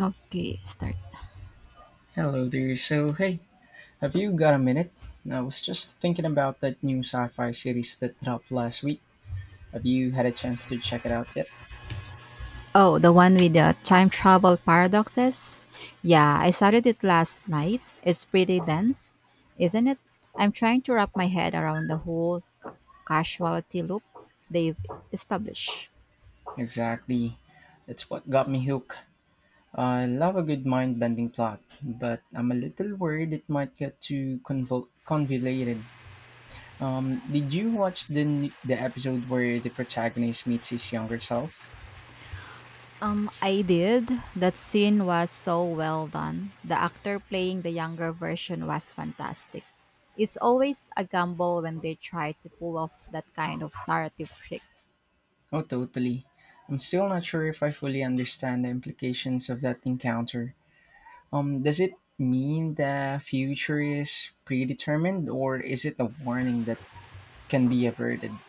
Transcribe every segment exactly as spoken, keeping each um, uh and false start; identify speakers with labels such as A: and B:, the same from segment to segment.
A: Okay, start.
B: Hello there. So, hey, have you got a minute? I was just thinking about that new sci fi series that dropped last week. Have you had a chance to check it out yet?
A: Oh, the one with the time travel paradoxes? Yeah, I started it last night. It's pretty dense, isn't it? I'm trying to wrap my head around the whole ca- causality loop they've established.
B: Exactly. That's what got me hooked. I love a good mind bending plot, but I'm a little worried it might get too convol- convoluted. Um, did you watch the, n- the episode where the protagonist meets his younger self?
A: Um, I did. That scene was so well done. The actor playing the younger version was fantastic. It's always a gamble when they try to pull off that kind of narrative trick.
B: Oh, totally. I'm still not sure if I fully understand the implications of that encounter. Um, does it mean the future is predetermined, or is it a warning that can be averted?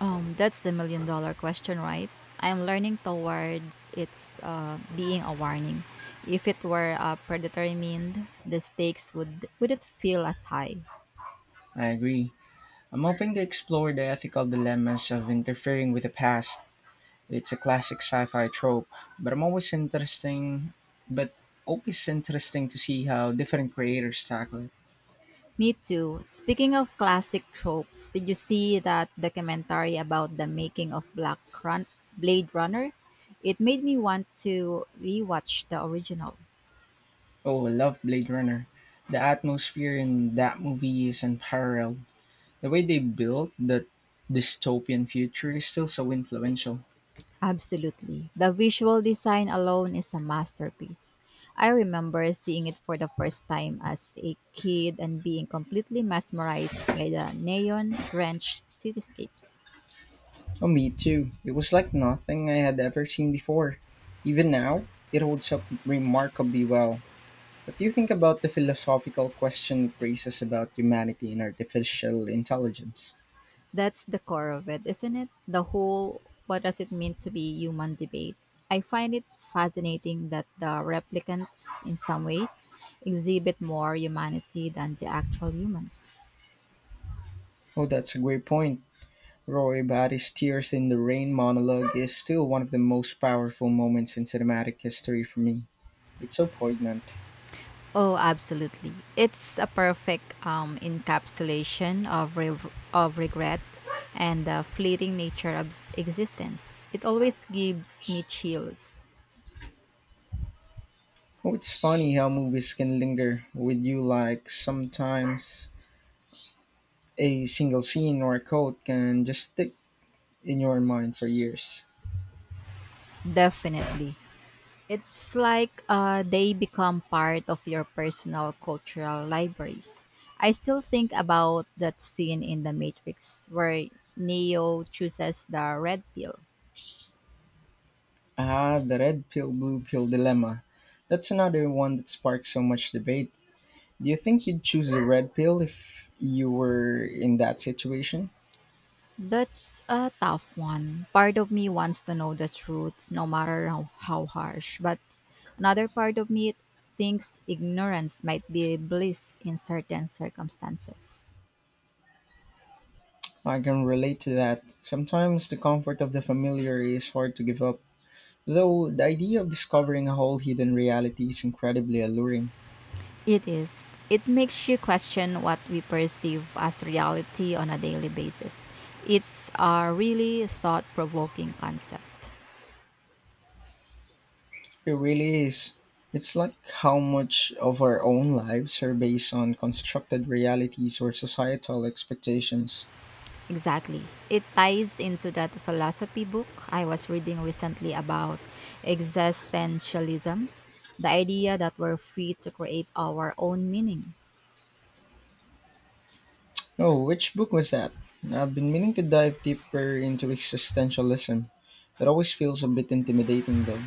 A: Um, that's the million dollar question, right? I'm learning towards its uh, being a warning. If it were a predatory mean, the stakes would wouldn't feel as high.
B: I agree. I'm hoping to explore the ethical dilemmas of interfering with the past. It's a classic sci-fi trope, but I'm always interesting. But always interesting to see how different creators tackle it.
A: Me too. Speaking of classic tropes, did you see that documentary about the making of Black Run- Blade Runner? It made me want to rewatch the original.
B: Oh, I love Blade Runner. The atmosphere in that movie is unparalleled. The way they built that dystopian future is still so influential.
A: Absolutely. The visual design alone is a masterpiece. I remember seeing it for the first time as a kid and being completely mesmerized by the neon drenched cityscapes.
B: Oh, me too. It was like nothing I had ever seen before. Even now, it holds up remarkably well. What do you think about the philosophical question it raises about humanity and artificial intelligence?
A: That's the core of it, isn't it? The whole what does it mean to be human debate. I find it fascinating that the replicants, in some ways, exhibit more humanity than the actual humans.
B: Oh, that's a great point. Roy Batty's Tears in the Rain monologue is still one of the most powerful moments in cinematic history for me. It's so poignant.
A: Oh, absolutely. It's a perfect um, encapsulation of re- of regret and the fleeting nature of existence. It always gives me chills.
B: Oh, it's funny how movies can linger with you like sometimes a single scene or a quote can just stick in your mind for years.
A: Definitely. It's like uh, they become part of your personal cultural library. I still think about that scene in The Matrix where Neo chooses the red pill.
B: Ah, the red pill, blue pill dilemma. That's another one that sparks so much debate. Do you think you'd choose the red pill if you were in that situation?
A: That's a tough one. Part of me wants to know the truth, no matter how, how harsh, but another part of me thinks ignorance might be bliss in certain circumstances.
B: I can relate to that. Sometimes the comfort of the familiar is hard to give up. Though the idea of discovering a whole hidden reality is incredibly alluring.
A: It is. It makes you question what we perceive as reality on a daily basis. It's a really thought provoking concept.
B: It really is. It's like how much of our own lives are based on constructed realities or societal expectations.
A: Exactly. It ties into that philosophy book I was reading recently about existentialism, the idea that we're free to create our own meaning.
B: Oh, which book was that? I've been meaning to dive deeper into existentialism. It always feels a bit intimidating, though.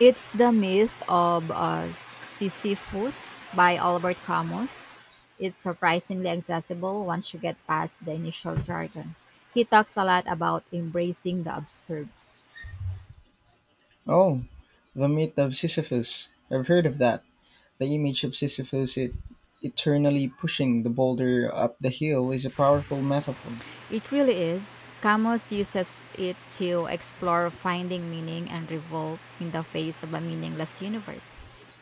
A: It's the myth of uh, Sisyphus by Albert Camus. It's surprisingly accessible once you get past the initial jargon. He talks a lot about embracing the absurd.
B: Oh, The Myth of Sisyphus. I've heard of that. The image of Sisyphus it, eternally pushing the boulder up the hill is a powerful metaphor.
A: It really is. Camus uses it to explore finding meaning and revolt in the face of a meaningless universe.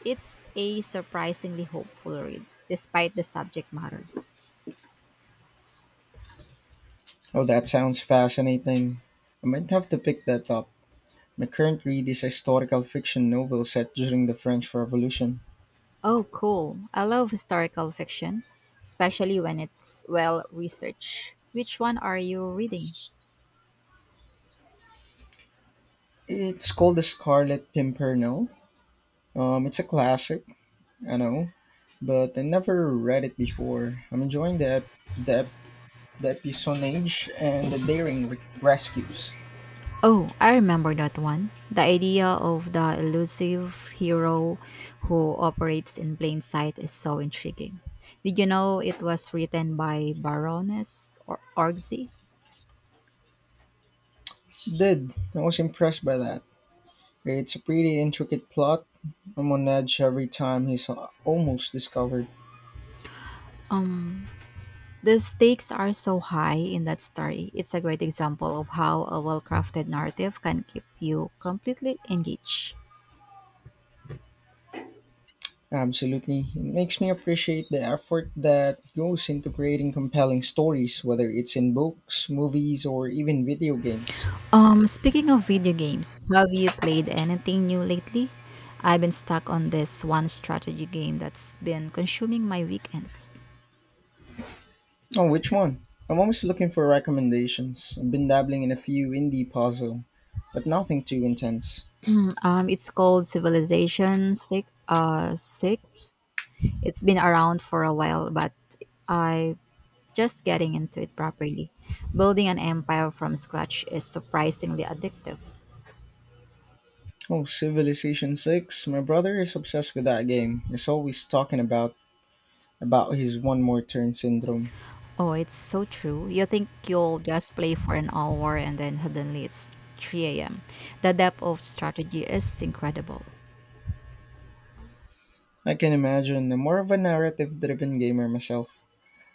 A: It's a surprisingly hopeful read, despite the subject matter.
B: Oh, that sounds fascinating. I might have to pick that up. My current read is a historical fiction novel set during the French Revolution.
A: Oh, cool. I love historical fiction, especially when it's well researched. Which one are you reading?
B: It's called The Scarlet Pimpernel. Um, it's a classic, I know, but I never read it before. I'm enjoying the ep- the, ep- the episonage and the daring re- rescues.
A: Oh, I remember that one. The idea of the elusive hero who operates in plain sight is so intriguing. Did you know it was written by Baroness or Orgzi?
B: Did I was impressed by that. It's a pretty intricate plot. I'm on edge every time he's a- almost discovered.
A: Um, the stakes are so high in that story. It's a great example of how a well-crafted narrative can keep you completely engaged.
B: Absolutely. It makes me appreciate the effort that goes into creating compelling stories, whether it's in books, movies, or even video games.
A: Um, speaking of video games, have you played anything new lately? I've been stuck on this one strategy game that's been consuming my weekends.
B: Oh, which one? I'm always looking for recommendations. I've been dabbling in a few indie puzzle, but nothing too intense.
A: Um, it's called Civilization Six. Uh, six. It's been around for a while, but I just getting into it properly. Building an empire from scratch is surprisingly addictive.
B: Oh, Civilization six. My brother is obsessed with that game. He's always talking about about his one more turn syndrome.
A: Oh, it's so true. You think you'll just play for an hour and then suddenly it's three a m. The depth of strategy is incredible.
B: I can imagine. I'm more of a narrative-driven gamer myself.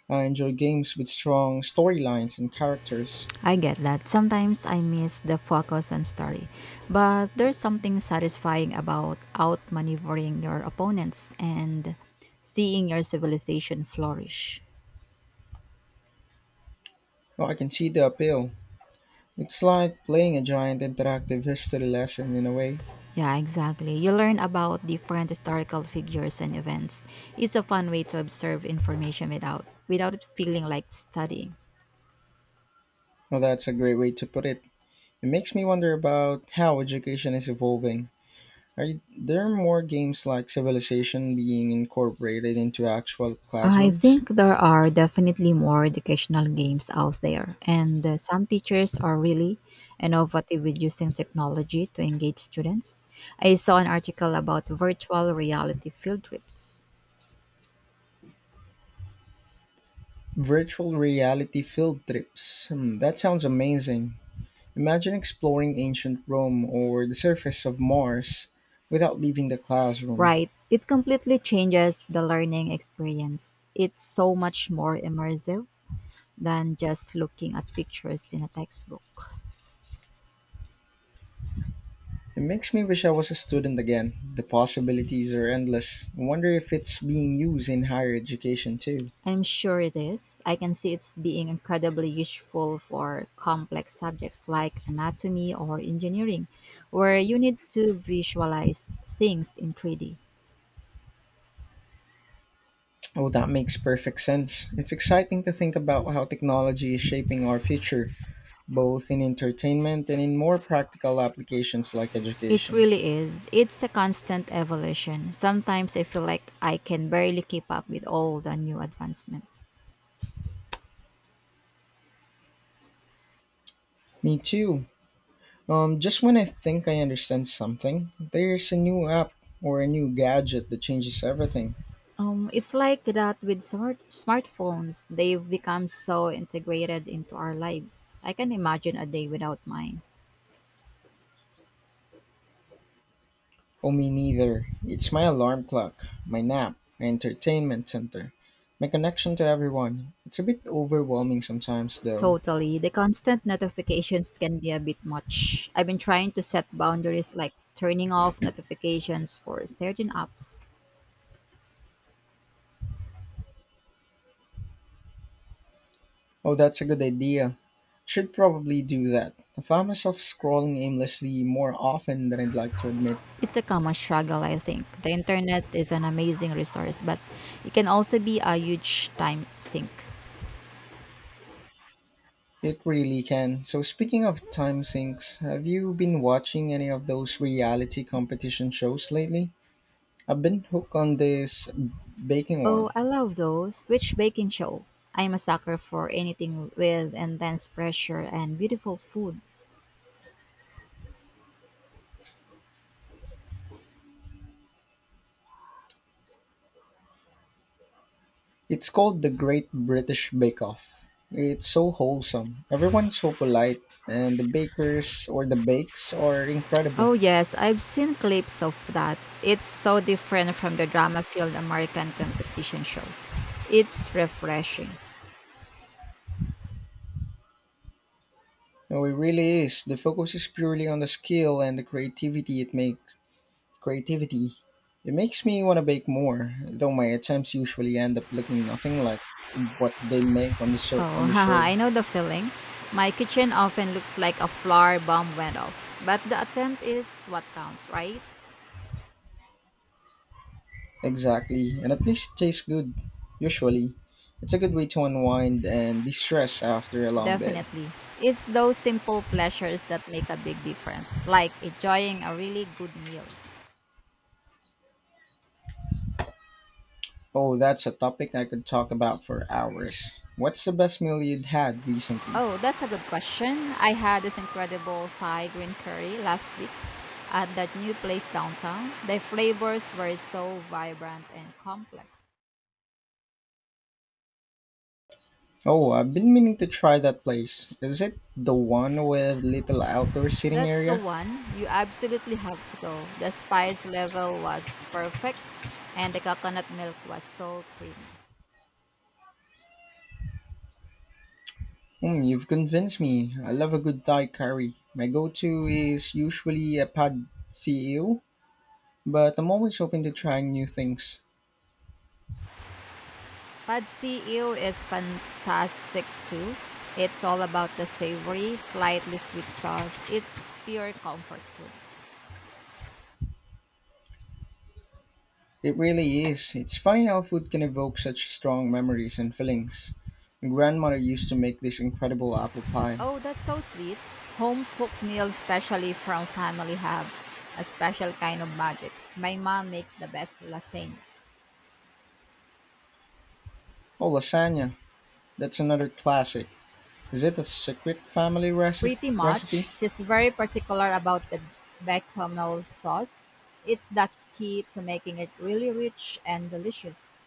B: I enjoy games with strong storylines and characters.
A: I get that. Sometimes I miss the focus on story, but there's something satisfying about outmaneuvering your opponents and seeing your civilization flourish.
B: Oh, I can see the appeal. It's like playing a giant interactive history lesson in a way.
A: Yeah, exactly. You learn about different historical figures and events. It's a fun way to observe information without without it feeling like studying.
B: Oh, that's a great way to put it. It makes me wonder about how education is evolving. Are y- there more games like Civilization being incorporated into actual
A: I
B: classrooms?
A: think there are definitely more educational games out there, and uh, some teachers are really innovative with using technology to engage students. I saw an article about virtual reality field trips.
B: Virtual reality field trips. Hmm, that sounds amazing. Imagine exploring ancient Rome or the surface of Mars without leaving the classroom.
A: Right, it completely changes the learning experience. It's so much more immersive than just looking at pictures in a textbook.
B: It makes me wish I was a student again. The possibilities are endless. I wonder if it's being used in higher education too.
A: I'm sure it is. I can see it's being incredibly useful for complex subjects like anatomy or engineering, where you need to visualize things in three D.
B: Oh, that makes perfect sense. It's exciting to think about how technology is shaping our future, both in entertainment and in more practical applications like
A: It
B: education.
A: really is. It's a constant evolution. Sometimes I feel like I can barely keep up with all the new advancements.
B: Me too. Um, just when I think I understand something, there's a new app or a new gadget that changes everything.
A: Um, it's like that with smart smartphones. They've become so integrated into our lives. I can imagine a day without mine.
B: Oh, me neither. It's my alarm clock, my nap, my entertainment center, my connection to everyone. It's a bit overwhelming sometimes, though.
A: Totally. The constant notifications can be a bit much. I've been trying to set boundaries like turning off notifications for certain apps.
B: Oh, that's a good idea. Should probably do that. I found myself scrolling aimlessly more often than I'd like to admit.
A: It's a common struggle, I think. The internet is an amazing resource, but it can also be a huge time sink.
B: It really can. So, speaking of time sinks, have you been watching any of those reality competition shows lately? I've been hooked on this baking
A: Oh,
B: one.
A: I love those. Which baking show? I'm a sucker for anything with intense pressure and beautiful food.
B: It's called The Great British Bake Off. It's so wholesome. Everyone's so polite, and the bakers or the bakes are incredible.
A: Oh, yes, I've seen clips of that. It's so different from the drama filled American competition shows. It's refreshing.
B: No, it really is. The focus is purely on the skill and the creativity it makes. Creativity. It makes me want to bake more, though my attempts usually end up looking nothing like what they make on the show.
A: Oh,
B: On the
A: haha,
B: show.
A: I know the feeling. My kitchen often looks like a flower bomb went off, but the attempt is what counts, right?
B: Exactly, and at least it tastes good. Usually, it's a good way to unwind and de-stress after a long day.
A: Definitely. It's those simple pleasures that make a big difference, like enjoying a really good meal.
B: Oh, that's a topic I could talk about for hours. What's the best meal you'd had recently?
A: Oh, that's a good question. I had this incredible Thai green curry last week at that new place downtown. The flavors were so vibrant and complex.
B: Oh, I've been meaning to try that place. Is it the one with little outdoor sitting
A: That's the
B: area?
A: one you absolutely have to go. The spice level was perfect and the coconut milk was so creamy.
B: Mm, you've convinced me. I love a good Thai curry. My go-to is usually a pad see ew, but I'm always open to trying new things.
A: Pad see ew is fantastic too. It's all about the savory, slightly sweet sauce. It's pure comfort food.
B: It really is. It's funny how food can evoke such strong memories and feelings. My grandmother used to make this incredible apple pie.
A: Oh, that's so sweet. Home cooked meals, especially from family, have a special kind of magic. My mom makes the best lasagna.
B: Oh, lasagna. That's another classic. Is it a secret family reci-
A: Pretty much.
B: recipe?
A: She's very particular about the bechamel sauce. It's the key to making it really rich and delicious.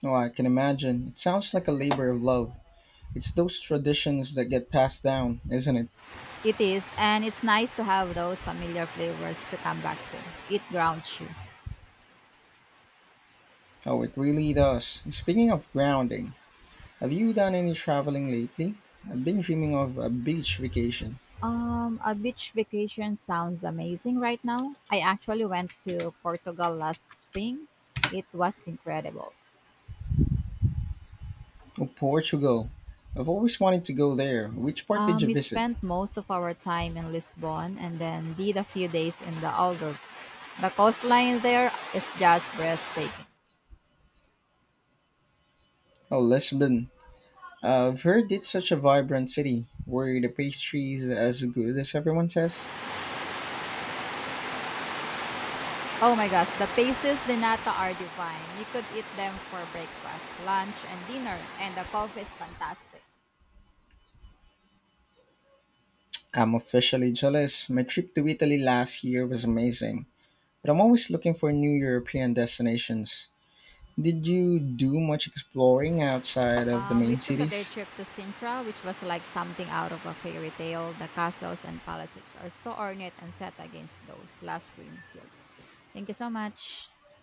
B: Oh, I can imagine. It sounds like a labor of love. It's those traditions that get passed down, isn't it?
A: It is, and it's nice to have those familiar flavors to come back to. It grounds you.
B: Oh, it really does. Speaking of grounding, have you done any traveling lately? I've been dreaming of a beach vacation.
A: Um, a beach vacation sounds amazing right now. I actually went to Portugal last spring. It was incredible.
B: Oh, Portugal. I've always wanted to go there. Which part did
A: Um,
B: you
A: we
B: visit?
A: spent most of our time in Lisbon and then did a few days in the Algarve. The coastline there is just breathtaking.
B: Oh, Lisbon. I've heard it's such a vibrant city. Were the pastries as good as everyone says?
A: Oh my gosh, the pasties de nata are divine. You could eat them for breakfast, lunch, and dinner, and the coffee is fantastic.
B: I'm officially jealous. My trip to Italy last year was amazing. But I'm always looking for new European destinations. Did you do much exploring outside of the
A: Um, we
B: main
A: took a day
B: cities?
A: trip to Sintra, which was like something out of a fairy tale. The castles and palaces are so ornate and set against those lush green hills. Thank you so much.